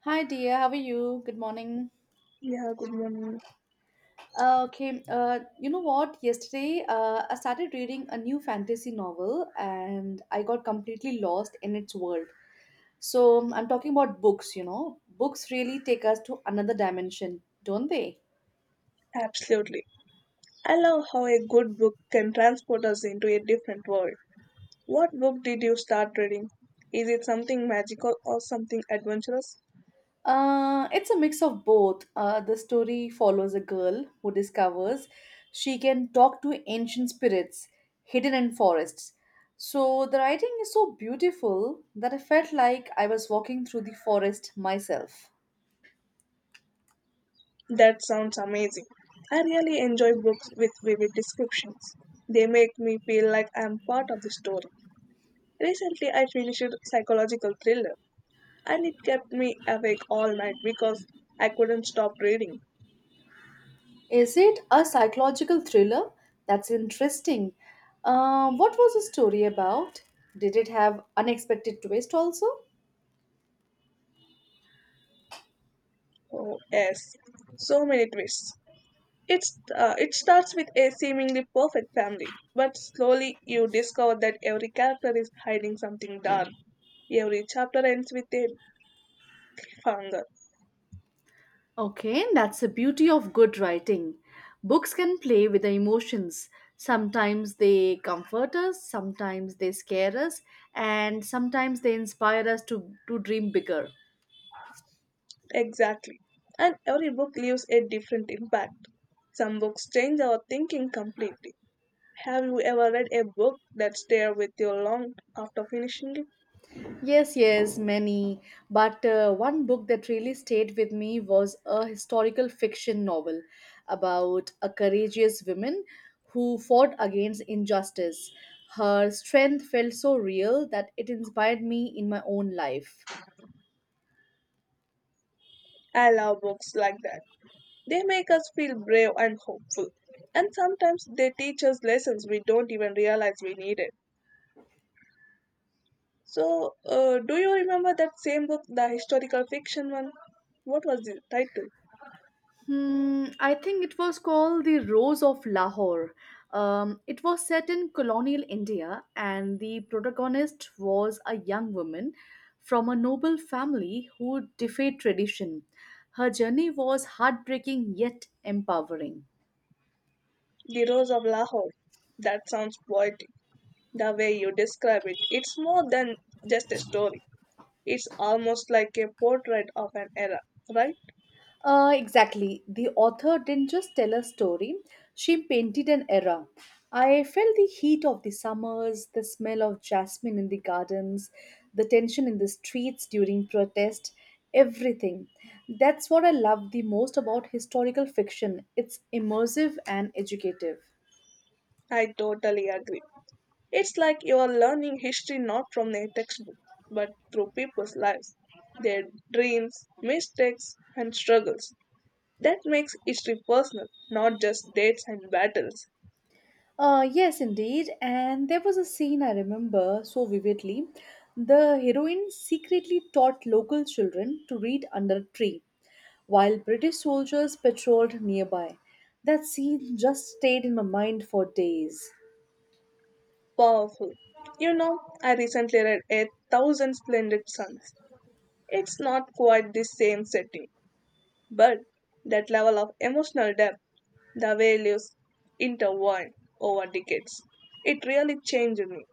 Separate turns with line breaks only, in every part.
Hi dear, how are you? Good morning.
Yeah, good morning.
Okay, you know what? Yesterday, I started reading a new fantasy novel and I got completely lost in its world. So, I'm talking about books. Books really take us to another dimension, don't they?
Absolutely. I love how a good book can transport us into a different world. What book did you start reading? Is it something magical or something adventurous?
It's a mix of both. The story follows a girl who discovers she can talk to ancient spirits hidden in forests. So the writing is so beautiful that I felt like I was walking through the forest myself.
That sounds amazing. I really enjoy books with vivid descriptions. They make me feel like I am part of the story. Recently, I finished a psychological thriller, and it kept me awake all night because I couldn't stop reading.
Is it a psychological thriller? That's interesting. What was the story about? Did it have unexpected twist also?
Oh, yes, so many twists. It starts with a seemingly perfect family, but slowly you discover that every character is hiding something dark. Every chapter ends with a cliffhanger.
Okay, that's the beauty of good writing. Books can play with the emotions. Sometimes they comfort us, sometimes they scare us, and sometimes they inspire us to dream bigger.
Exactly. And every book leaves a different impact. Some books change our thinking completely. Have you ever read a book that stayed with you long after finishing it?
Yes, yes, many. But one book that really stayed with me was a historical fiction novel about a courageous woman who fought against injustice. Her strength felt so real that it inspired me in my own life.
I love books like that. They make us feel brave and hopeful. And sometimes they teach us lessons we don't even realize we needed. So, do you remember that same book, the historical fiction one? What was the title?
Hmm, I think it was called The Rose of Lahore. It was set in colonial India, and the protagonist was a young woman from a noble family who defied tradition. Her journey was heartbreaking yet empowering.
The Rose of Lahore. That sounds poetic. The way you describe it, it's more than just a story. It's almost like a portrait of an era, right?
Exactly. The author didn't just tell a story, she painted an era. I felt the heat of the summers, the smell of jasmine in the gardens, the tension in the streets during protest, everything. That's what I love the most about historical fiction. It's immersive and educative.
I totally agree. It's like you are learning history not from a textbook, but through people's lives, their dreams, mistakes, and struggles. That makes history personal, not just dates and battles.
Yes, indeed. And there was a scene I remember so vividly. The heroine secretly taught local children to read under a tree while British soldiers patrolled nearby. That scene just stayed in my mind for days.
Powerful. You know, I recently read A Thousand Splendid Suns. It's not quite the same setting, but that level of emotional depth, the way lives intertwined over decades, it really changed me.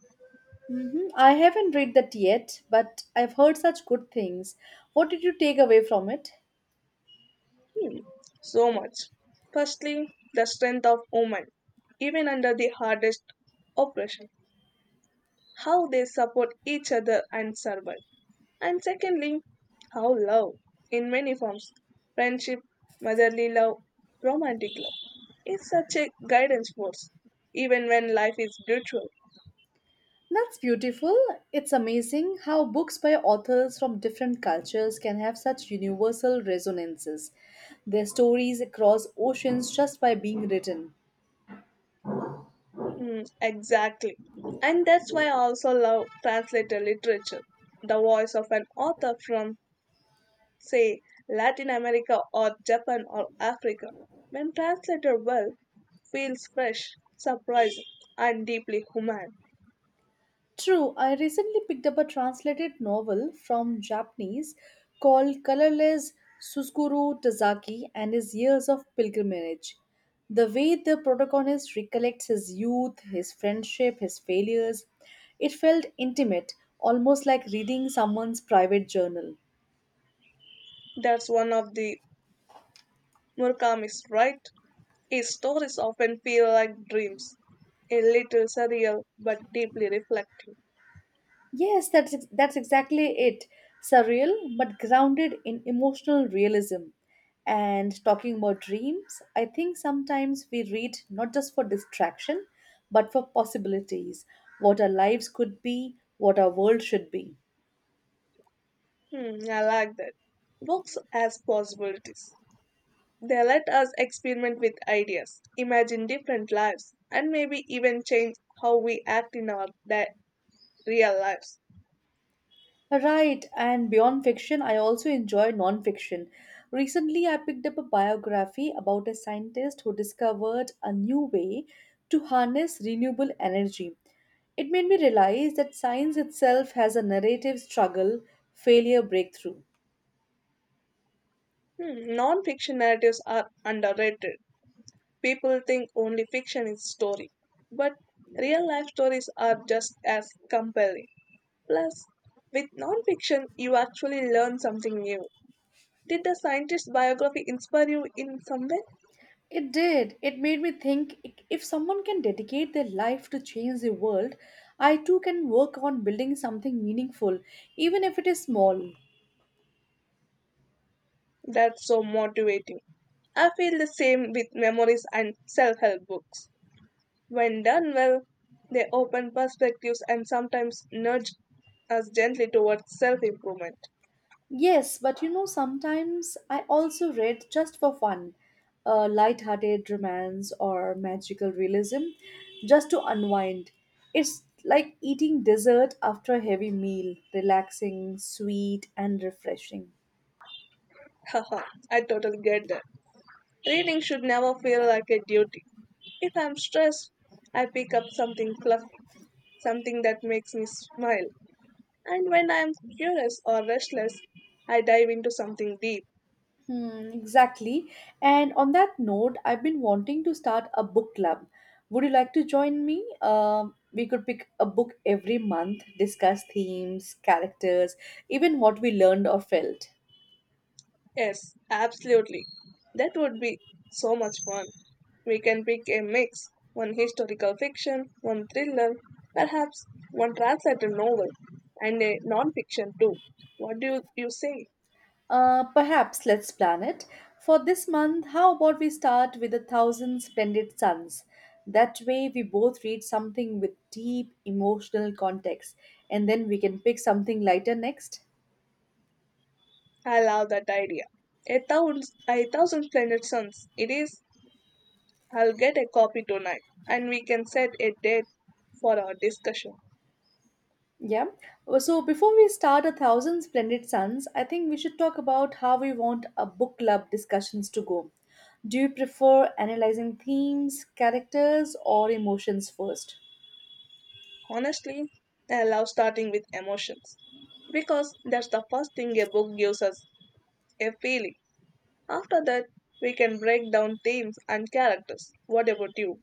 Mhm. I haven't read that yet, but I've heard such good things. What did you take away from it?
Hmm, so much. Firstly, the strength of women, even under the hardest oppression, how they support each other and survive. And secondly, how love, in many forms friendship, motherly love, romantic love is such a guidance force, even when life is brutal.
That's beautiful. It's amazing how books by authors from different cultures can have such universal resonances. Their stories across oceans just by being written.
Mm, exactly. And that's why I also love translator literature, the voice of an author from, say, Latin America or Japan or Africa. When translated well, feels fresh, surprising, and deeply human.
True, I recently picked up a translated novel from Japanese called Colorless Suskuru Tazaki and His Years of Pilgrimage. The way the protagonist recollects his youth, his friendship, his failures, it felt intimate, almost like reading someone's private journal.
That's one of the Murakami's, right? His stories often feel like dreams, a little surreal but deeply reflective.
Yes, that's exactly it. Surreal, but grounded in emotional realism. And talking about dreams, I think sometimes we read not just for distraction, but for possibilities. What our lives could be, what our world should be.
Hmm, I like that. Books as possibilities. They let us experiment with ideas, imagine different lives, and maybe even change how we act in our real lives.
Right, and beyond fiction, I also enjoy nonfiction. Recently, I picked up a biography about a scientist who discovered a new way to harness renewable energy. It made me realize that science itself has a narrative struggle, failure, breakthrough.
Hmm, non-fiction narratives are underrated. People think only fiction is story, but real life stories are just as compelling. Plus, with nonfiction, you actually learn something new. Did the scientist's biography inspire you in some way?
It did. It made me think, if someone can dedicate their life to change the world, I too can work on building something meaningful, even if it is small.
That's so motivating. I feel the same with memories and self help books. When done well, they open perspectives and sometimes nudge us gently towards self improvement.
Yes, but you know, sometimes I also read just for fun, a light-hearted romance or magical realism, just to unwind. It's like eating dessert after a heavy meal, relaxing, sweet, and refreshing.
Haha, I totally get that. Reading should never feel like a duty. If I'm stressed, I pick up something fluffy, something that makes me smile. And when I'm curious or restless, I dive into something deep.
Hmm, exactly. And on that note, I've been wanting to start a book club. Would you like to join me? We could pick a book every month, discuss themes, characters, even what we learned or felt.
Yes, absolutely. That would be so much fun. We can pick a mix one historical fiction, one thriller, perhaps one translated novel, and a non fiction too. What do you say?
Perhaps let's plan it. For this month, how about we start with A Thousand Splendid Suns? That way, we both read something with deep emotional context, and then we can pick something lighter next.
I love that idea. A thousand, a thousand splendid suns. It is. I'll get a copy tonight, and we can set a date for our discussion.
Yeah. So, before we start A Thousand Splendid Suns, I think we should talk about how we want a book club discussions to go. Do you prefer analyzing themes, characters, or emotions first?
Honestly, I love starting with emotions because that's the first thing a book gives us a feeling. After that, we can break down themes and characters. What about you?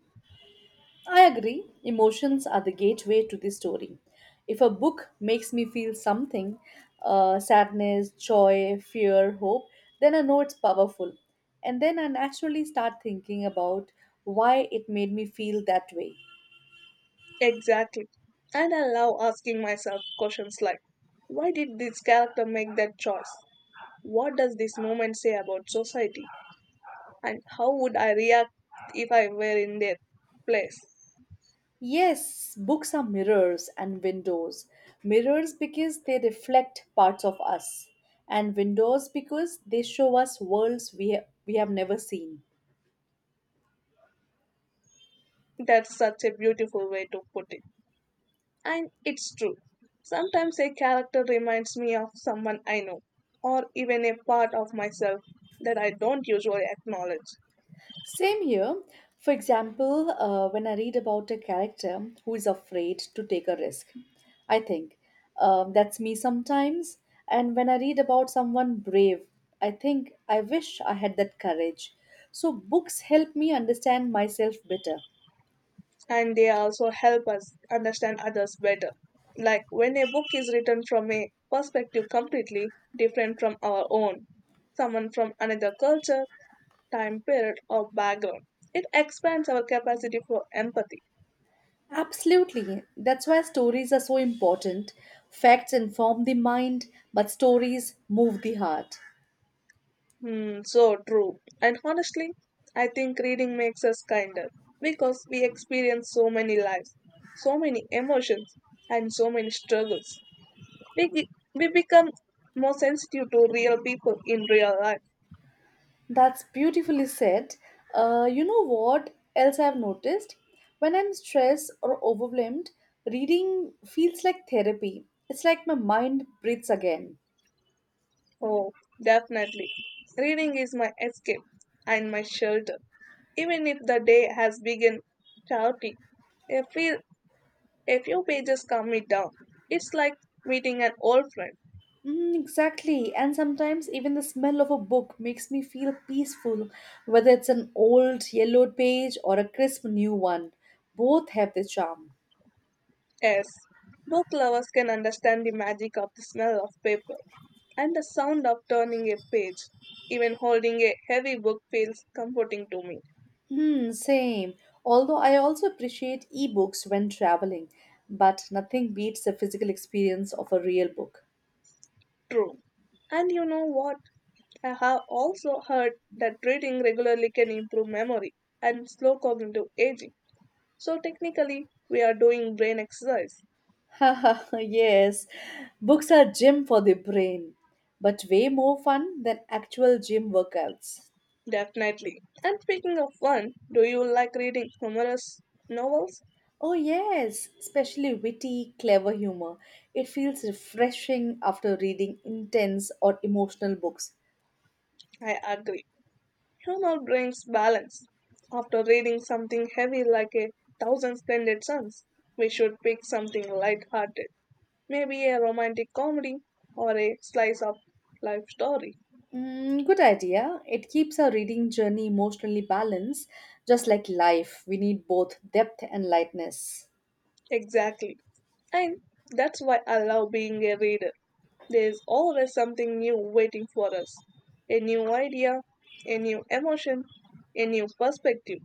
I agree. Emotions are the gateway to the story. If a book makes me feel something sadness, joy, fear, hope, then I know it's powerful. And then I naturally start thinking about why it made me feel that way.
Exactly. And I love asking myself questions like why did this character make that choice? What does this moment say about society? And how would I react if I were in their place?
Yes, books are mirrors and windows. Mirrors because they reflect parts of us, and windows because they show us worlds we have never seen.
That's such a beautiful way to put it. And it's true. Sometimes a character reminds me of someone I know, or even a part of myself that I don't usually acknowledge.
Same here. For example, when I read about a character who is afraid to take a risk, I think, that's me sometimes. And when I read about someone brave, I think I wish I had that courage. So books help me understand myself better.
And they also help us understand others better. Like when a book is written from a perspective completely different from our own, someone from another culture, time period, or background, it expands our capacity for empathy.
Absolutely. That's why stories are so important. Facts inform the mind, but stories move the heart.
Hmm, so true. And honestly, I think reading makes us kinder because we experience so many lives, so many emotions, and so many struggles. We, ge- we become more sensitive to real people in real life.
That's beautifully said. You know what else I've noticed? When I'm stressed or overwhelmed, reading feels like therapy. It's like my mind breathes again.
Oh, definitely. Reading is my escape and my shelter. Even if the day has begun chaotic, a few, a few pages calm me down. It's like meeting an old friend.
Mm, exactly. And sometimes even the smell of a book makes me feel peaceful, whether it's an old yellowed page or a crisp new one. Both have their charm.
Yes, book lovers can understand the magic of the smell of paper and the sound of turning a page. Even holding a heavy book feels comforting to me.
Hmm, same. Although I also appreciate ebooks when traveling, but nothing beats the physical experience of a real book.
True. And you know what? I have also heard that reading regularly can improve memory and slow cognitive aging. So technically, we are doing brain exercise.
Yes, books are gym for the brain, but way more fun than actual gym workouts.
Definitely. And speaking of one, do you like reading humorous novels?
Oh, yes, especially witty, clever humor. It feels refreshing after reading intense or emotional books.
I agree. Humor brings balance. After reading something heavy like A Thousand Splendid Suns, we should pick something light-hearted, maybe a romantic comedy or a slice of life story.
Mm, good idea. It keeps our reading journey emotionally balanced, just like life. We need both depth and lightness.
Exactly. And that's why I love being a reader. There's always something new waiting for us. A new idea, a new emotion, a new perspective.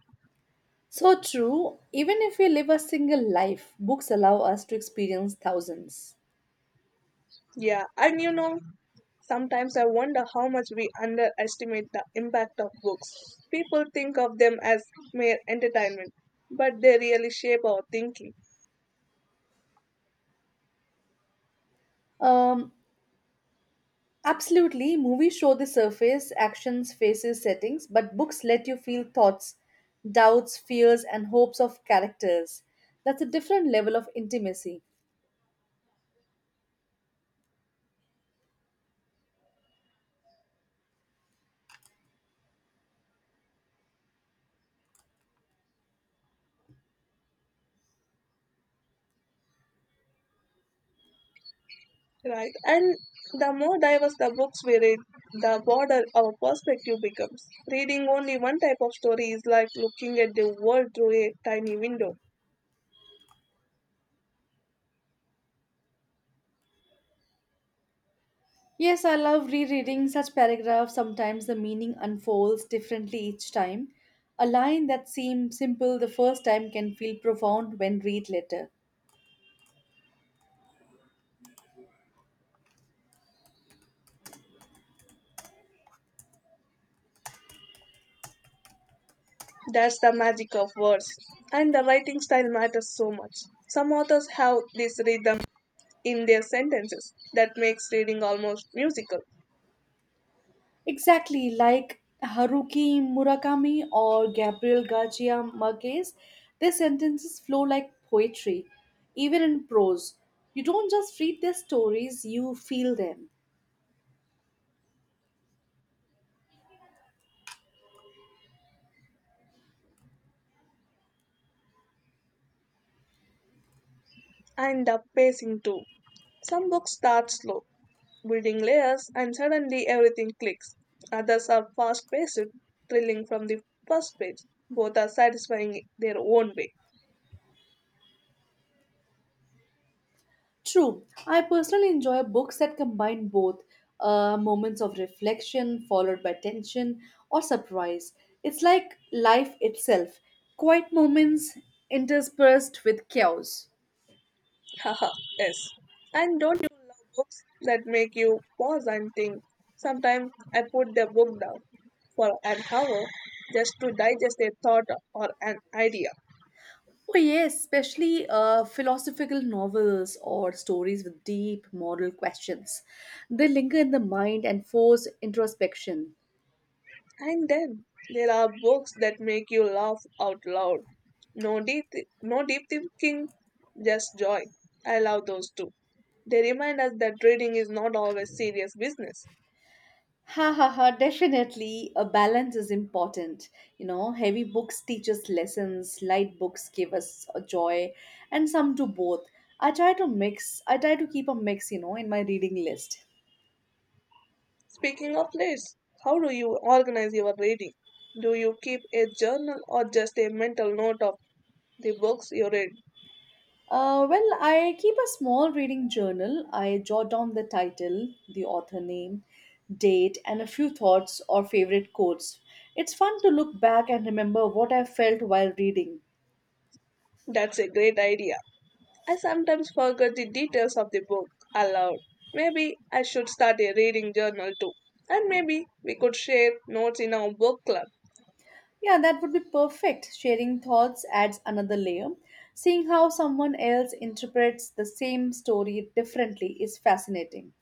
So true, even if we live a single life, books allow us to experience thousands.
Yeah, and you know, sometimes I wonder how much we underestimate the impact of books. People think of them as mere entertainment, but they really shape our thinking,
Um, Absolutely, movies show the surface, actions, faces, settings, but books let you feel thoughts, doubts, fears, and hopes of characters. That's a different level of intimacy.
right? And the more diverse the books we read, the broader our perspective becomes. Reading only one type of story is like looking at the world through a tiny window.
Yes, I love rereading such paragraphs. Sometimes the meaning unfolds differently each time. A line that seemed simple the first time can feel profound when read later.
That's the magic of words. And the writing style matters so much. Some authors have this rhythm in their sentences that makes reading almost musical.
Exactly, like Haruki Murakami or Gabriel Garcia Marquez, their sentences flow like poetry, even in prose. You don't just read their stories, you feel them.
And the pacing too. Some books start slow, building layers, and suddenly everything clicks. Others are fast paced, thrilling from the first page. Both are satisfying in their own way.
True, I personally enjoy books that combine both, moments of reflection followed by tension or surprise. It's like life itself, quiet moments interspersed with chaos.
Haha, yes. And don't you love books that make you pause and think? Sometimes I put the book down for an hour just to digest a thought or an idea.
Oh, yes, especially philosophical novels or stories with deep moral questions. They linger in the mind and force introspection.
And then there are books that make you laugh out loud. No deep, no deep thinking, just joy. I love those too. They remind us that reading is not always serious business.
Ha ha ha, definitely a balance is important. You know, heavy books teach us lessons, light books give us a joy, and some do both. I try to keep a mix, you know, in my reading list.
Speaking of lists, how do you organize your reading? Do you keep a journal or just a mental note of the books you read?
Well, I keep a small reading journal. I jot down the title, the author name, date, and a few thoughts or favorite quotes. It's fun to look back and remember what I felt while reading.
That's a great idea. I sometimes forget the details of the book aloud. Maybe I should start a reading journal too. And maybe we could share notes in our book club.
Yeah, that would be perfect. Sharing thoughts adds another layer. Seeing how someone else interprets the same story differently is fascinating.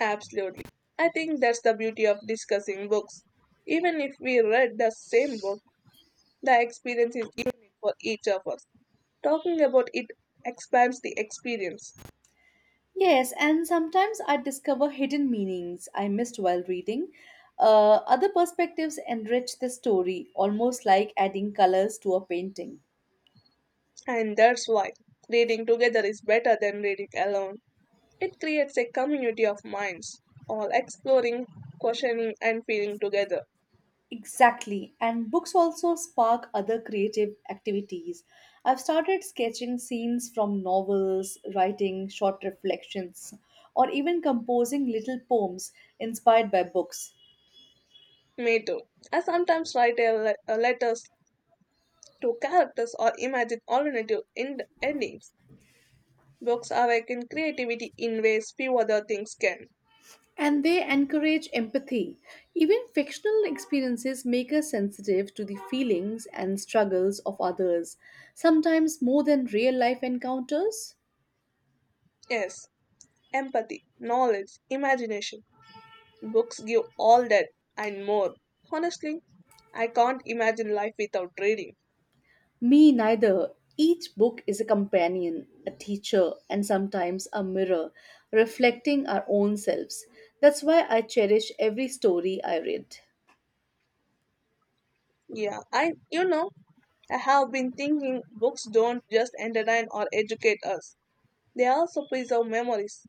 Absolutely. I think that's the beauty of discussing books. Even if we read the same book, the experience is unique for each of us. Talking about it expands the experience.
Yes, and sometimes I discover hidden meanings I missed while reading. Other perspectives enrich the story, almost like adding colors to a painting.
And that's why reading together is better than reading alone. It creates a community of minds, all exploring, questioning, and feeling together.
Exactly, and books also spark other creative activities. I've started sketching scenes from novels, writing short reflections, or even composing little poems inspired by books.
Me too. I sometimes write a letters to characters or imagine alternative endings. Books awaken creativity in ways few other things can.
And they encourage empathy. Even fictional experiences make us sensitive to the feelings and struggles of others, sometimes more than real life encounters.
Yes, empathy, knowledge, imagination. Books give all that and more. Honestly, I can't imagine life without reading.
Me neither. Each book is a companion, a teacher, and sometimes a mirror, reflecting our own selves. That's why I cherish every story I read.
Yeah, I have been thinking books don't just entertain or educate us. They also preserve memories.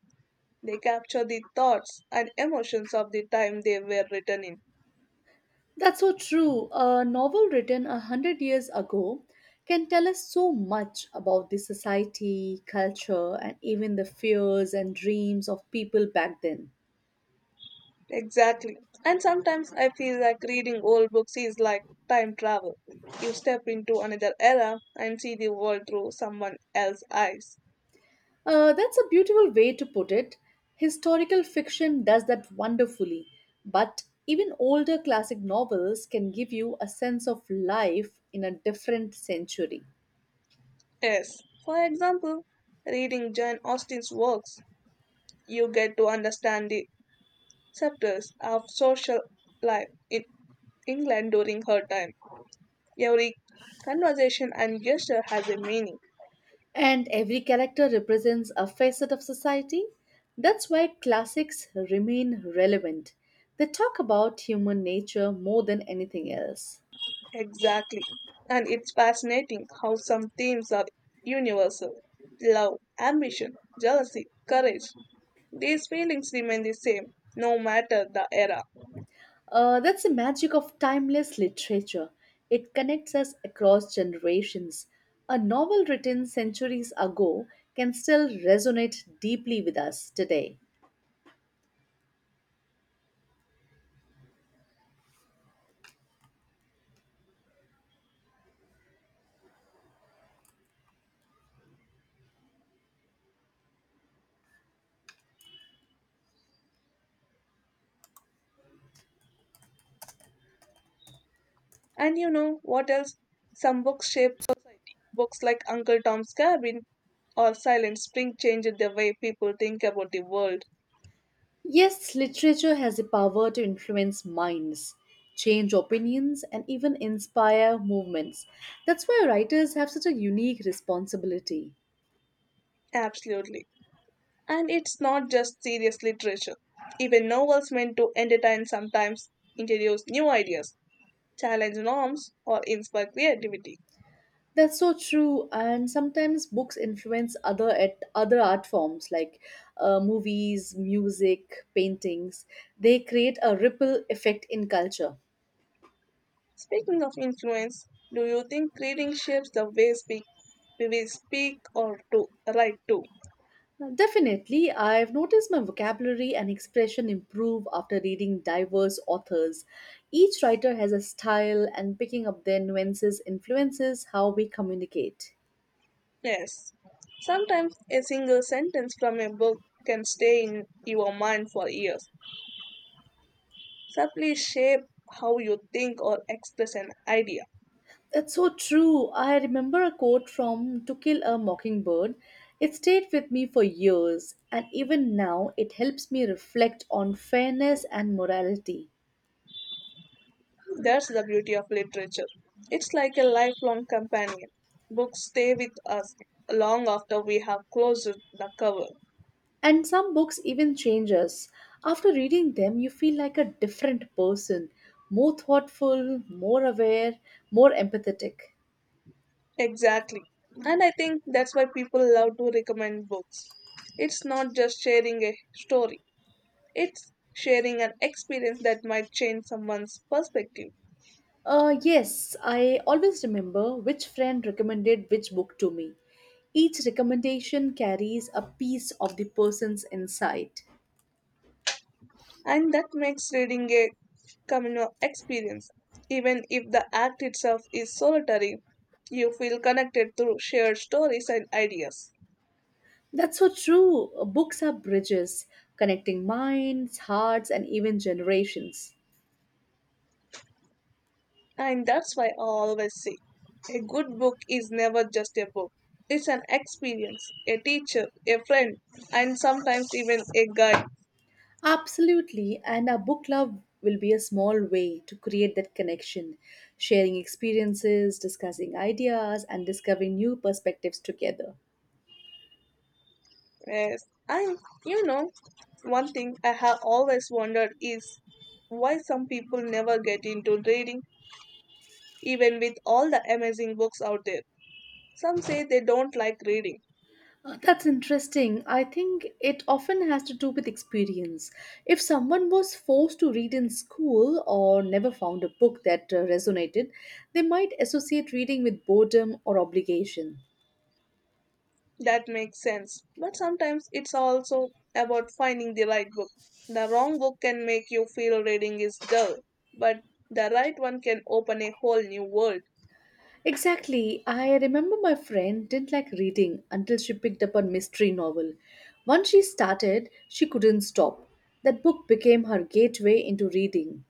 They capture the thoughts and emotions of the time they were written in.
That's so true. A novel written a hundred years ago can tell us so much about the society, culture, and even the fears and dreams of people back then.
Exactly. And sometimes I feel like reading old books is like time travel. You step into another era and see the world through someone else's eyes.
That's a beautiful way to put it. Historical fiction does that wonderfully, but even older classic novels can give you a sense of life in a different century.
Yes. For example, reading Jane Austen's works, you get to understand the sectors of social life in England during her time. Every conversation and gesture has a meaning.
And every character represents a facet of society. That's why classics remain relevant. They talk about human nature more than anything else.
Exactly. And it's fascinating how some themes are universal love, ambition, jealousy, courage. These feelings remain the same, no matter the era.
That's the magic of timeless literature. It connects us across generations. A novel written centuries ago can still resonate deeply with us today.
And you know what else? Some books shape society. Books like Uncle Tom's Cabin or Silent Spring changed the way people think about the world.
Yes, literature has the power to influence minds, change opinions, and even inspire movements. That's why writers have such a unique responsibility.
Absolutely. And it's not just serious literature. Even novels meant to entertain sometimes introduce new ideas challenge norms, or inspire creativity.
That's so true, and sometimes books influence other art forms like movies, music, paintings. They create a ripple effect in culture.
Speaking of influence, do you think reading shapes the way we will speak or to write too?
Definitely, I've noticed my vocabulary and expression improve after reading diverse authors. Each writer has a style, and picking up their nuances influences how we communicate.
Yes. Sometimes a single sentence from a book can stay in your mind for years, subtly shape how you think or express an idea.
That's so true. I remember a quote from To Kill a Mockingbird. It stayed with me for years, and even now it helps me reflect on fairness and morality.
That's the beauty of literature. It's like a lifelong companion. Books stay with us long after we have closed the cover.
And some books even change us. After reading them, you feel like a different person, more thoughtful, more aware, more empathetic.
Exactly. And I think that's why people love to recommend books. It's not just sharing a story, it's sharing an experience that might change someone's perspective.
Yes, I always remember which friend recommended which book to me. Each recommendation carries a piece of the person's insight.
And that makes reading a communal experience. Even if the act itself is solitary, you feel connected through shared stories and ideas.
That's so true. Books are bridges, connecting minds, hearts, and even generations.
And that's why I always say a good book is never just a book. It's an experience, a teacher, a friend, and sometimes even a guide.
Absolutely, and our book club will be a small way to create that connection, sharing experiences, discussing ideas, and discovering new perspectives together.
Yes. And you know, one thing I have always wondered is why some people never get into reading, even with all the amazing books out there. Some say they don't like reading.
That's interesting. I think it often has to do with experience. If someone was forced to read in school or never found a book that resonated, they might associate reading with boredom or obligation.
That makes sense. But sometimes it's also about finding the right book. The wrong book can make you feel reading is dull, but the right one can open a whole new world.
Exactly. I remember my friend didn't like reading until she picked up a mystery novel. Once she started, she couldn't stop. That book became her gateway into reading.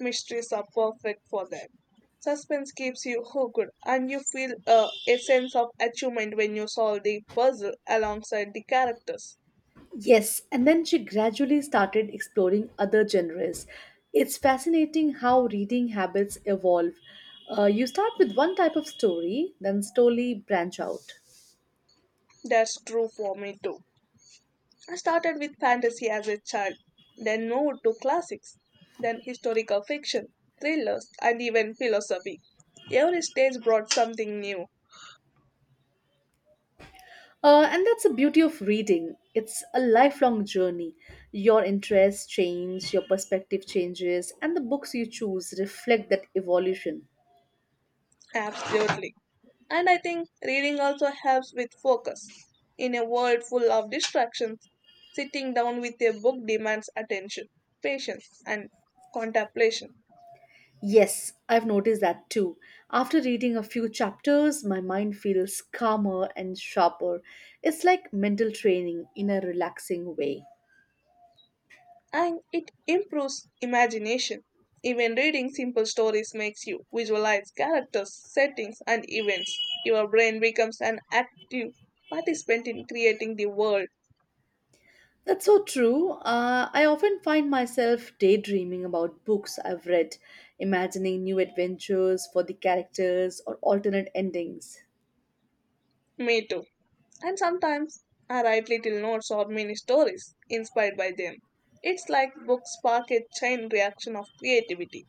Mysteries are perfect for that. Suspense keeps you hooked, and you feel a sense of achievement when you solve the puzzle alongside the characters.
Yes, and then she gradually started exploring other genres. It's fascinating how reading habits evolve. You start with one type of story, then slowly branch out.
That's true for me too. I started with fantasy as a child, then moved to classics, then historical fiction, thrillers, and even philosophy. Every stage brought something new,
And that's the beauty of reading. It's a lifelong journey. Your interests change, your perspective changes, and the books you choose reflect that evolution.
absolutely. And I think reading also helps with focus. In a world full of distractions, sitting down with a book demands attention, patience, and contemplation.
Yes, I've noticed that too. After reading a few chapters, my mind feels calmer and sharper. It's like mental training in a relaxing way.
And it improves imagination. Even reading simple stories makes you visualize characters, settings, and events. Your brain becomes an active participant in creating the world.
That's so true. I often find myself daydreaming about books I've read, imagining new adventures for the characters or alternate endings.
Me too. And sometimes I write little notes or mini stories inspired by them. It's like books spark a chain reaction of creativity.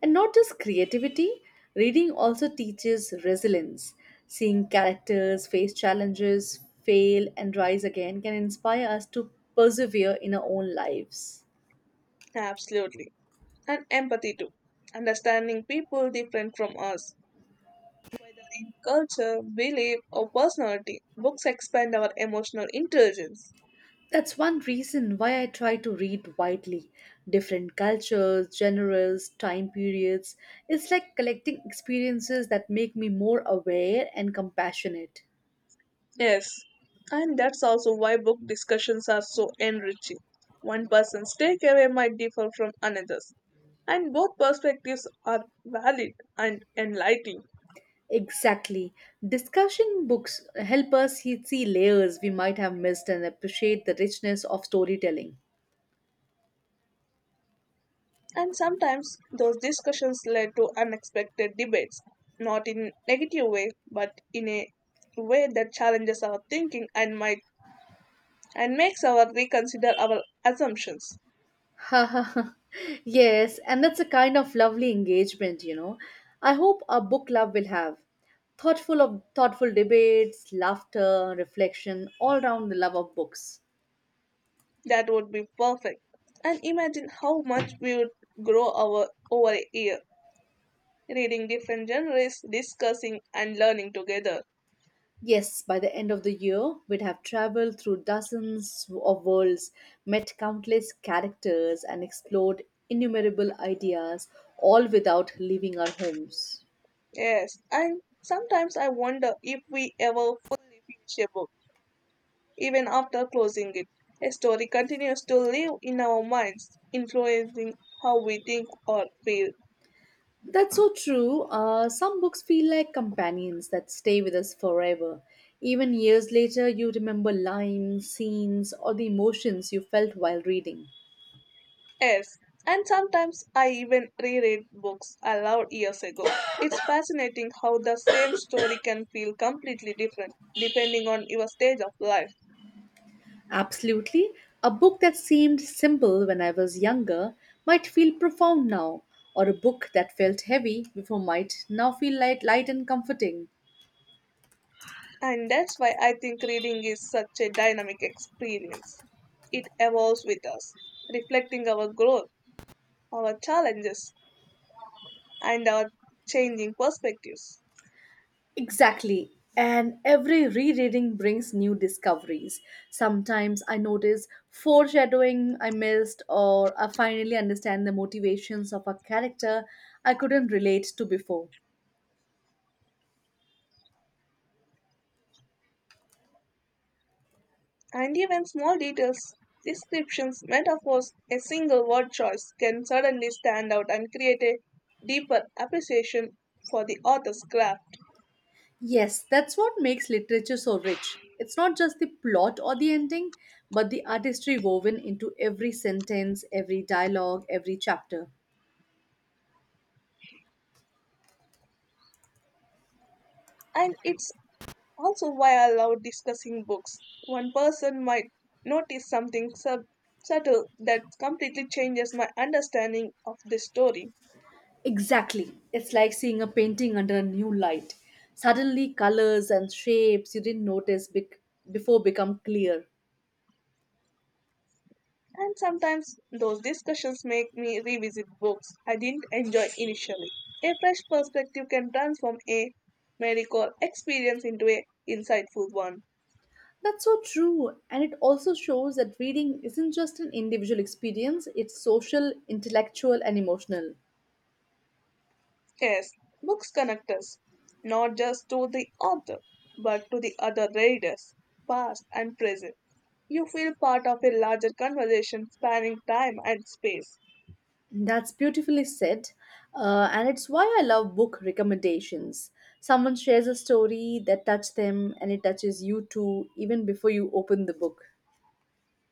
And not just creativity, reading also teaches resilience. Seeing characters face challenges, fail, and rise again can inspire us to persevere in our own lives.
Absolutely. And empathy too. Understanding people different from us, whether in culture, belief, or personality, books expand our emotional intelligence.
That's one reason why I try to read widely. Different cultures, genres, time periods. It's like collecting experiences that make me more aware and compassionate.
Yes, and that's also why book discussions are so enriching. One person's takeaway might differ from another's, and both perspectives are valid and enlightening.
Exactly. Discussion books help us see layers we might have missed and appreciate the richness of storytelling.
And sometimes those discussions led to unexpected debates, not in negative way, but in a way that challenges our thinking and makes our reconsider our assumptions.
Yes, and that's a kind of lovely engagement. I hope our book club will have thoughtful debates, laughter, reflection, all round the love of books.
That would be perfect. And imagine how much we would grow our over a year, reading different genres, discussing and learning together.
Yes, by the end of the year, we'd have traveled through dozens of worlds, met countless characters, and explored innumerable ideas, all without leaving our homes.
Yes, and sometimes I wonder if we ever fully finish a book, even after closing it. A story continues to live in our minds, influencing how we think or feel.
That's so true. Some books feel like companions that stay with us forever. Even years later, you remember lines, scenes, or the emotions you felt while reading.
Yes, and sometimes I even reread books aloud years ago. It's fascinating how the same story can feel completely different depending on your stage of life.
Absolutely. A book that seemed simple when I was younger might feel profound now, or a book that felt heavy before might now feel light, light and comforting.
And that's why I think reading is such a dynamic experience. It evolves with us, reflecting our growth, our challenges, and our changing perspectives.
Exactly. And every rereading brings new discoveries. Sometimes I notice foreshadowing I missed, or I finally understand the motivations of a character I couldn't relate to before.
And even small details, descriptions, metaphors, a single word choice can suddenly stand out and create a deeper appreciation for the author's craft.
Yes, that's what makes literature so rich. It's not just the plot or the ending, but the artistry woven into every sentence, every dialogue, every chapter.
And it's also why I love discussing books. One person might notice something subtle that completely changes my understanding of the story.
Exactly. It's like seeing a painting under a new light. Suddenly, colors and shapes you didn't notice before become clear.
And sometimes those discussions make me revisit books I didn't enjoy initially. A fresh perspective can transform a medical experience into a insightful one.
That's so true. And it also shows that reading isn't just an individual experience, it's social, intellectual, and emotional.
Yes, books connect us, not just to the author, but to the other readers, past and present. You feel part of a larger conversation spanning time and space.
That's beautifully said. And it's why I love book recommendations. Someone shares a story that touched them and it touches you too, even before you open the book.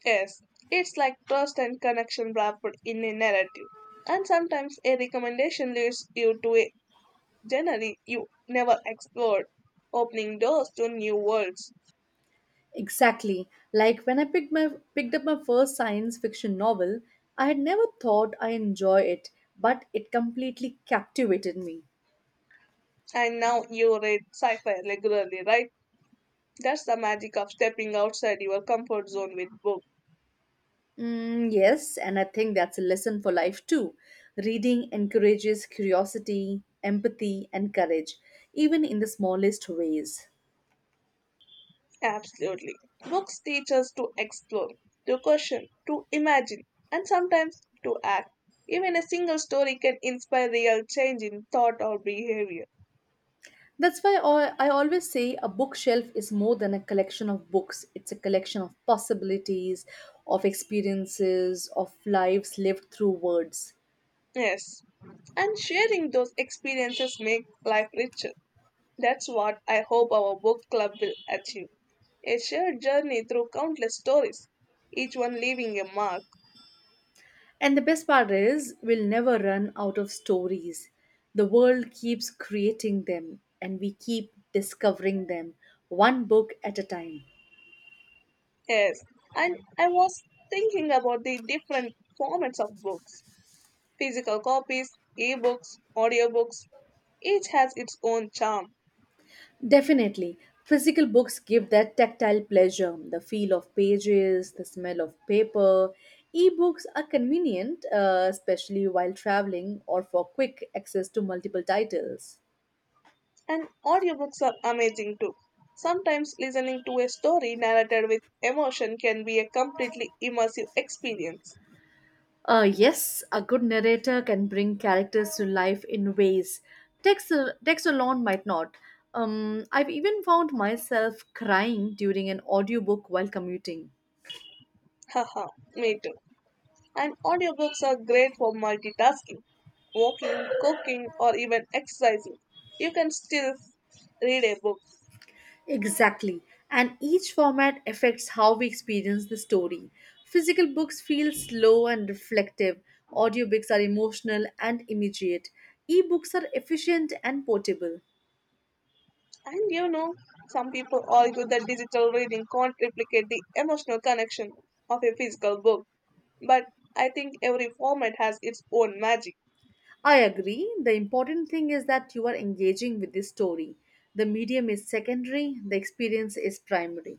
Yes, it's like trust and connection wrapped in a narrative. And sometimes a recommendation leads you to a generally, you never explored, opening doors to new worlds.
Exactly. Like when I picked up my first science fiction novel, I had never thought I enjoy it, but it completely captivated me.
And now you read sci fi regularly, right? That's the magic of stepping outside your comfort zone with books.
Mm, yes, and I think that's a lesson for life too. Reading encourages curiosity, empathy, and courage, even in the smallest ways.
Absolutely. Books teach us to explore, to question, to imagine, and sometimes to act. Even a single story can inspire real change in thought or behavior.
That's why I always say a bookshelf is more than a collection of books. It's a collection of possibilities, of experiences, of lives lived through words.
Yes. And sharing those experiences make life richer. That's what I hope our book club will achieve, a shared journey through countless stories, each one leaving a mark.
And the best part is, we'll never run out of stories. The world keeps creating them, and we keep discovering them, one book at a time.
Yes, and I was thinking about the different formats of books: physical copies, ebooks, audiobooks. Each has its own charm,
Definitely. Physical books give that tactile pleasure, the feel of pages, the smell of paper. Ebooks are convenient, especially while traveling or for quick access to multiple titles.
and audiobooks are amazing too. Sometimes listening to a story narrated with emotion can be a completely immersive experience.
Yes, a good narrator can bring characters to life in ways text, text alone might not. I've even found myself crying during an audiobook while commuting.
Haha, me too. And audiobooks are great for multitasking, walking, cooking, or even exercising. You can still read a book.
Exactly. And each format affects how we experience the story. Physical books feel slow and reflective, audiobooks are emotional and immediate, ebooks are efficient and portable.
And you know, some people argue that digital reading can't replicate the emotional connection of a physical book. But I think every format has its own magic.
I agree. The important thing is that you are engaging with the story. The medium is secondary, the experience is primary.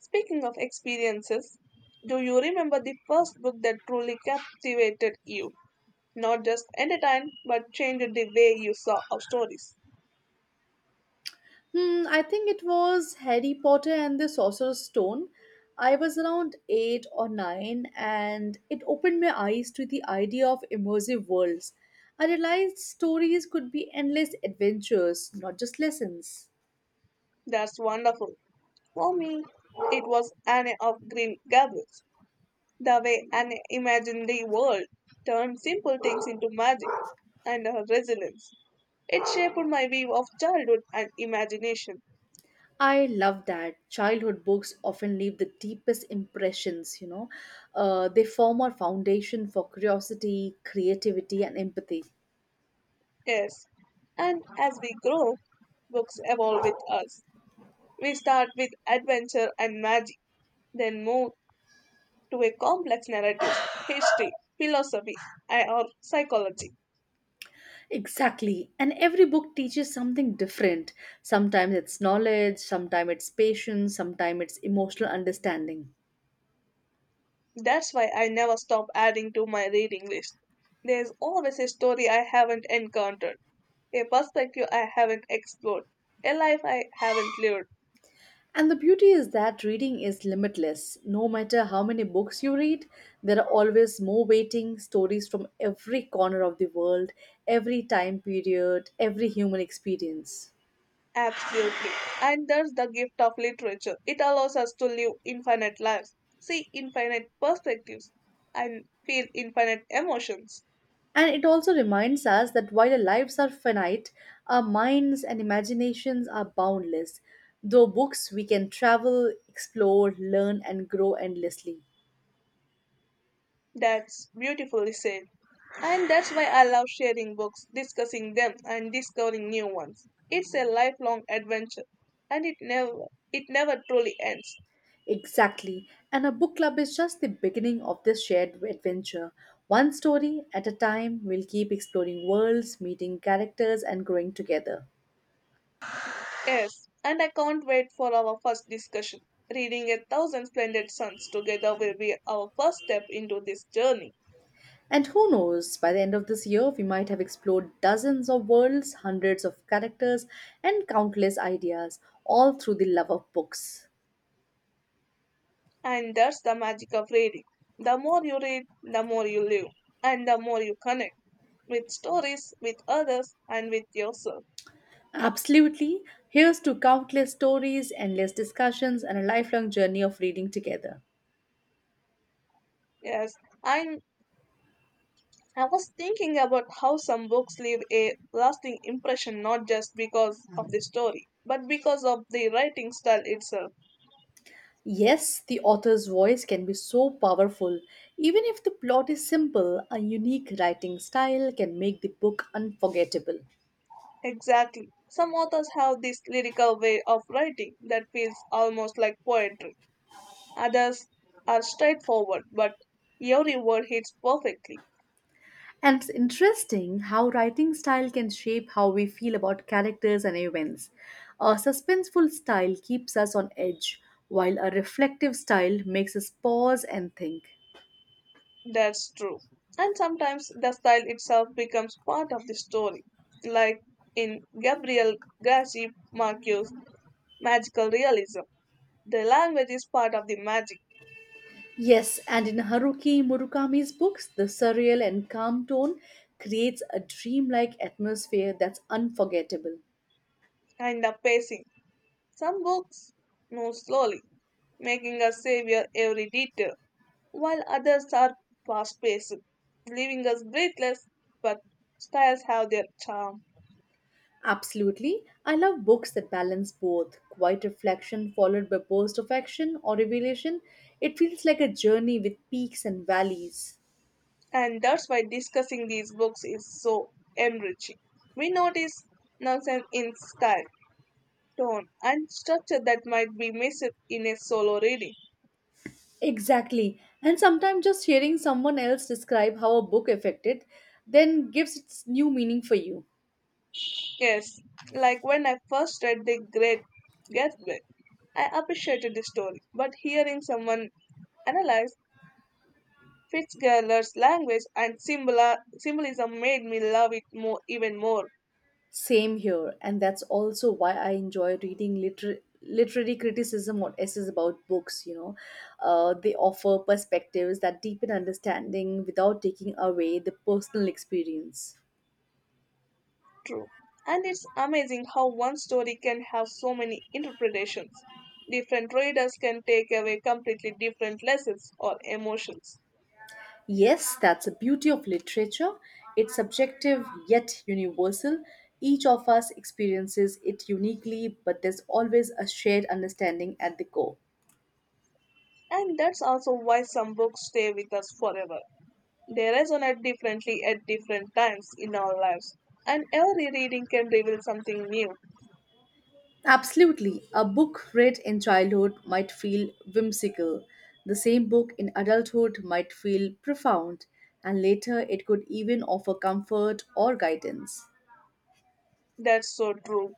Speaking of experiences, do you remember the first book that truly captivated you? Not just entertained, but changed the way you saw of stories.
Hmm, I think it was Harry Potter and the Sorcerer's Stone. I was around eight or nine, and it opened my eyes to the idea of immersive worlds. I realized stories could be endless adventures, not just lessons.
That's wonderful. For me, it was Anne of Green Gables, the way Anne imagined the world, turned simple things into magic, and her resilience. It shaped my view of childhood and imagination.
I love that. Childhood books often leave the deepest impressions. They form our foundation for curiosity, creativity, and empathy.
Yes, and as we grow, books evolve with us. We start with adventure and magic, then move to a complex narrative, history, philosophy, or psychology.
Exactly. And every book teaches something different. Sometimes it's knowledge, sometimes it's patience, sometimes it's emotional understanding.
That's why I never stop adding to my reading list. There's always a story I haven't encountered, a perspective I haven't explored, a life I haven't lived.
And the beauty is that reading is limitless. No matter how many books you read, there are always more waiting stories from every corner of the world, every time period, every human experience.
Absolutely. And that's the gift of literature. It allows us to live infinite lives, see infinite perspectives, and feel infinite emotions.
And it also reminds us that while our lives are finite, our minds and imaginations are boundless. Though books, we can travel, explore, learn, and grow endlessly.
That's beautifully said. And that's why I love sharing books, discussing them, and discovering new ones. It's a lifelong adventure, and it never truly ends.
Exactly. And a book club is just the beginning of this shared adventure. One story at a time, we'll keep exploring worlds, meeting characters, and growing together.
Yes, and I can't wait for our first discussion. Reading A Thousand Splendid Suns together will be our first step into this journey.
And who knows, by the end of this year, we might have explored dozens of worlds, hundreds of characters, and countless ideas, all through the love of books.
And that's the magic of reading. The more you read, the more you live, and the more you connect with stories, with others, and with yourself.
Absolutely. Here's to countless stories, endless discussions, and a lifelong journey of reading together.
Yes, I'm I was thinking about how some books leave a lasting impression not just because of the story, but because of the writing style itself.
Yes, the author's voice can be so powerful. Even if the plot is simple, a unique writing style can make the book unforgettable.
Exactly. Some authors have this lyrical way of writing that feels almost like poetry. Others are straightforward, but every word hits perfectly.
And it's interesting how writing style can shape how we feel about characters and events. A suspenseful style keeps us on edge, while a reflective style makes us pause and think.
That's true. And sometimes the style itself becomes part of the story, like in Gabriel Garcia Marquez's magical realism. The language is part of the magic.
Yes, and in Haruki Murakami's books, the surreal and calm tone creates a dreamlike atmosphere that's unforgettable.
And the pacing. Some books move slowly, making us savor every detail, while others are fast paced, leaving us breathless, but styles have their charm.
Absolutely, I love books that balance both quiet reflection followed by bursts of action or revelation. It feels like a journey with peaks and valleys.
And that's why discussing these books is so enriching. We notice nuances in style, tone, and structure that might be missed in a solo reading.
Exactly. And sometimes just hearing someone else describe how a book affected then gives its new meaning for you.
Yes, like when I first read The Great Gatsby, I appreciated the story, but hearing someone analyze Fitzgerald's language and symbolism made me love it more, even more.
Same here. And that's also why I enjoy reading literary criticism or essays about books. They offer perspectives that deepen understanding without taking away the personal experience.
True. And it's amazing how one story can have so many interpretations. Different readers can take away completely different lessons or emotions.
Yes, that's the beauty of literature. It's subjective yet universal. Each of us experiences it uniquely, but there's always a shared understanding at the core.
And that's also why some books stay with us forever. They resonate differently at different times in our lives, and every reading can reveal something new.
Absolutely, a book read in childhood might feel whimsical. The same book in adulthood might feel profound, and later it could even offer comfort or guidance.
That's so true.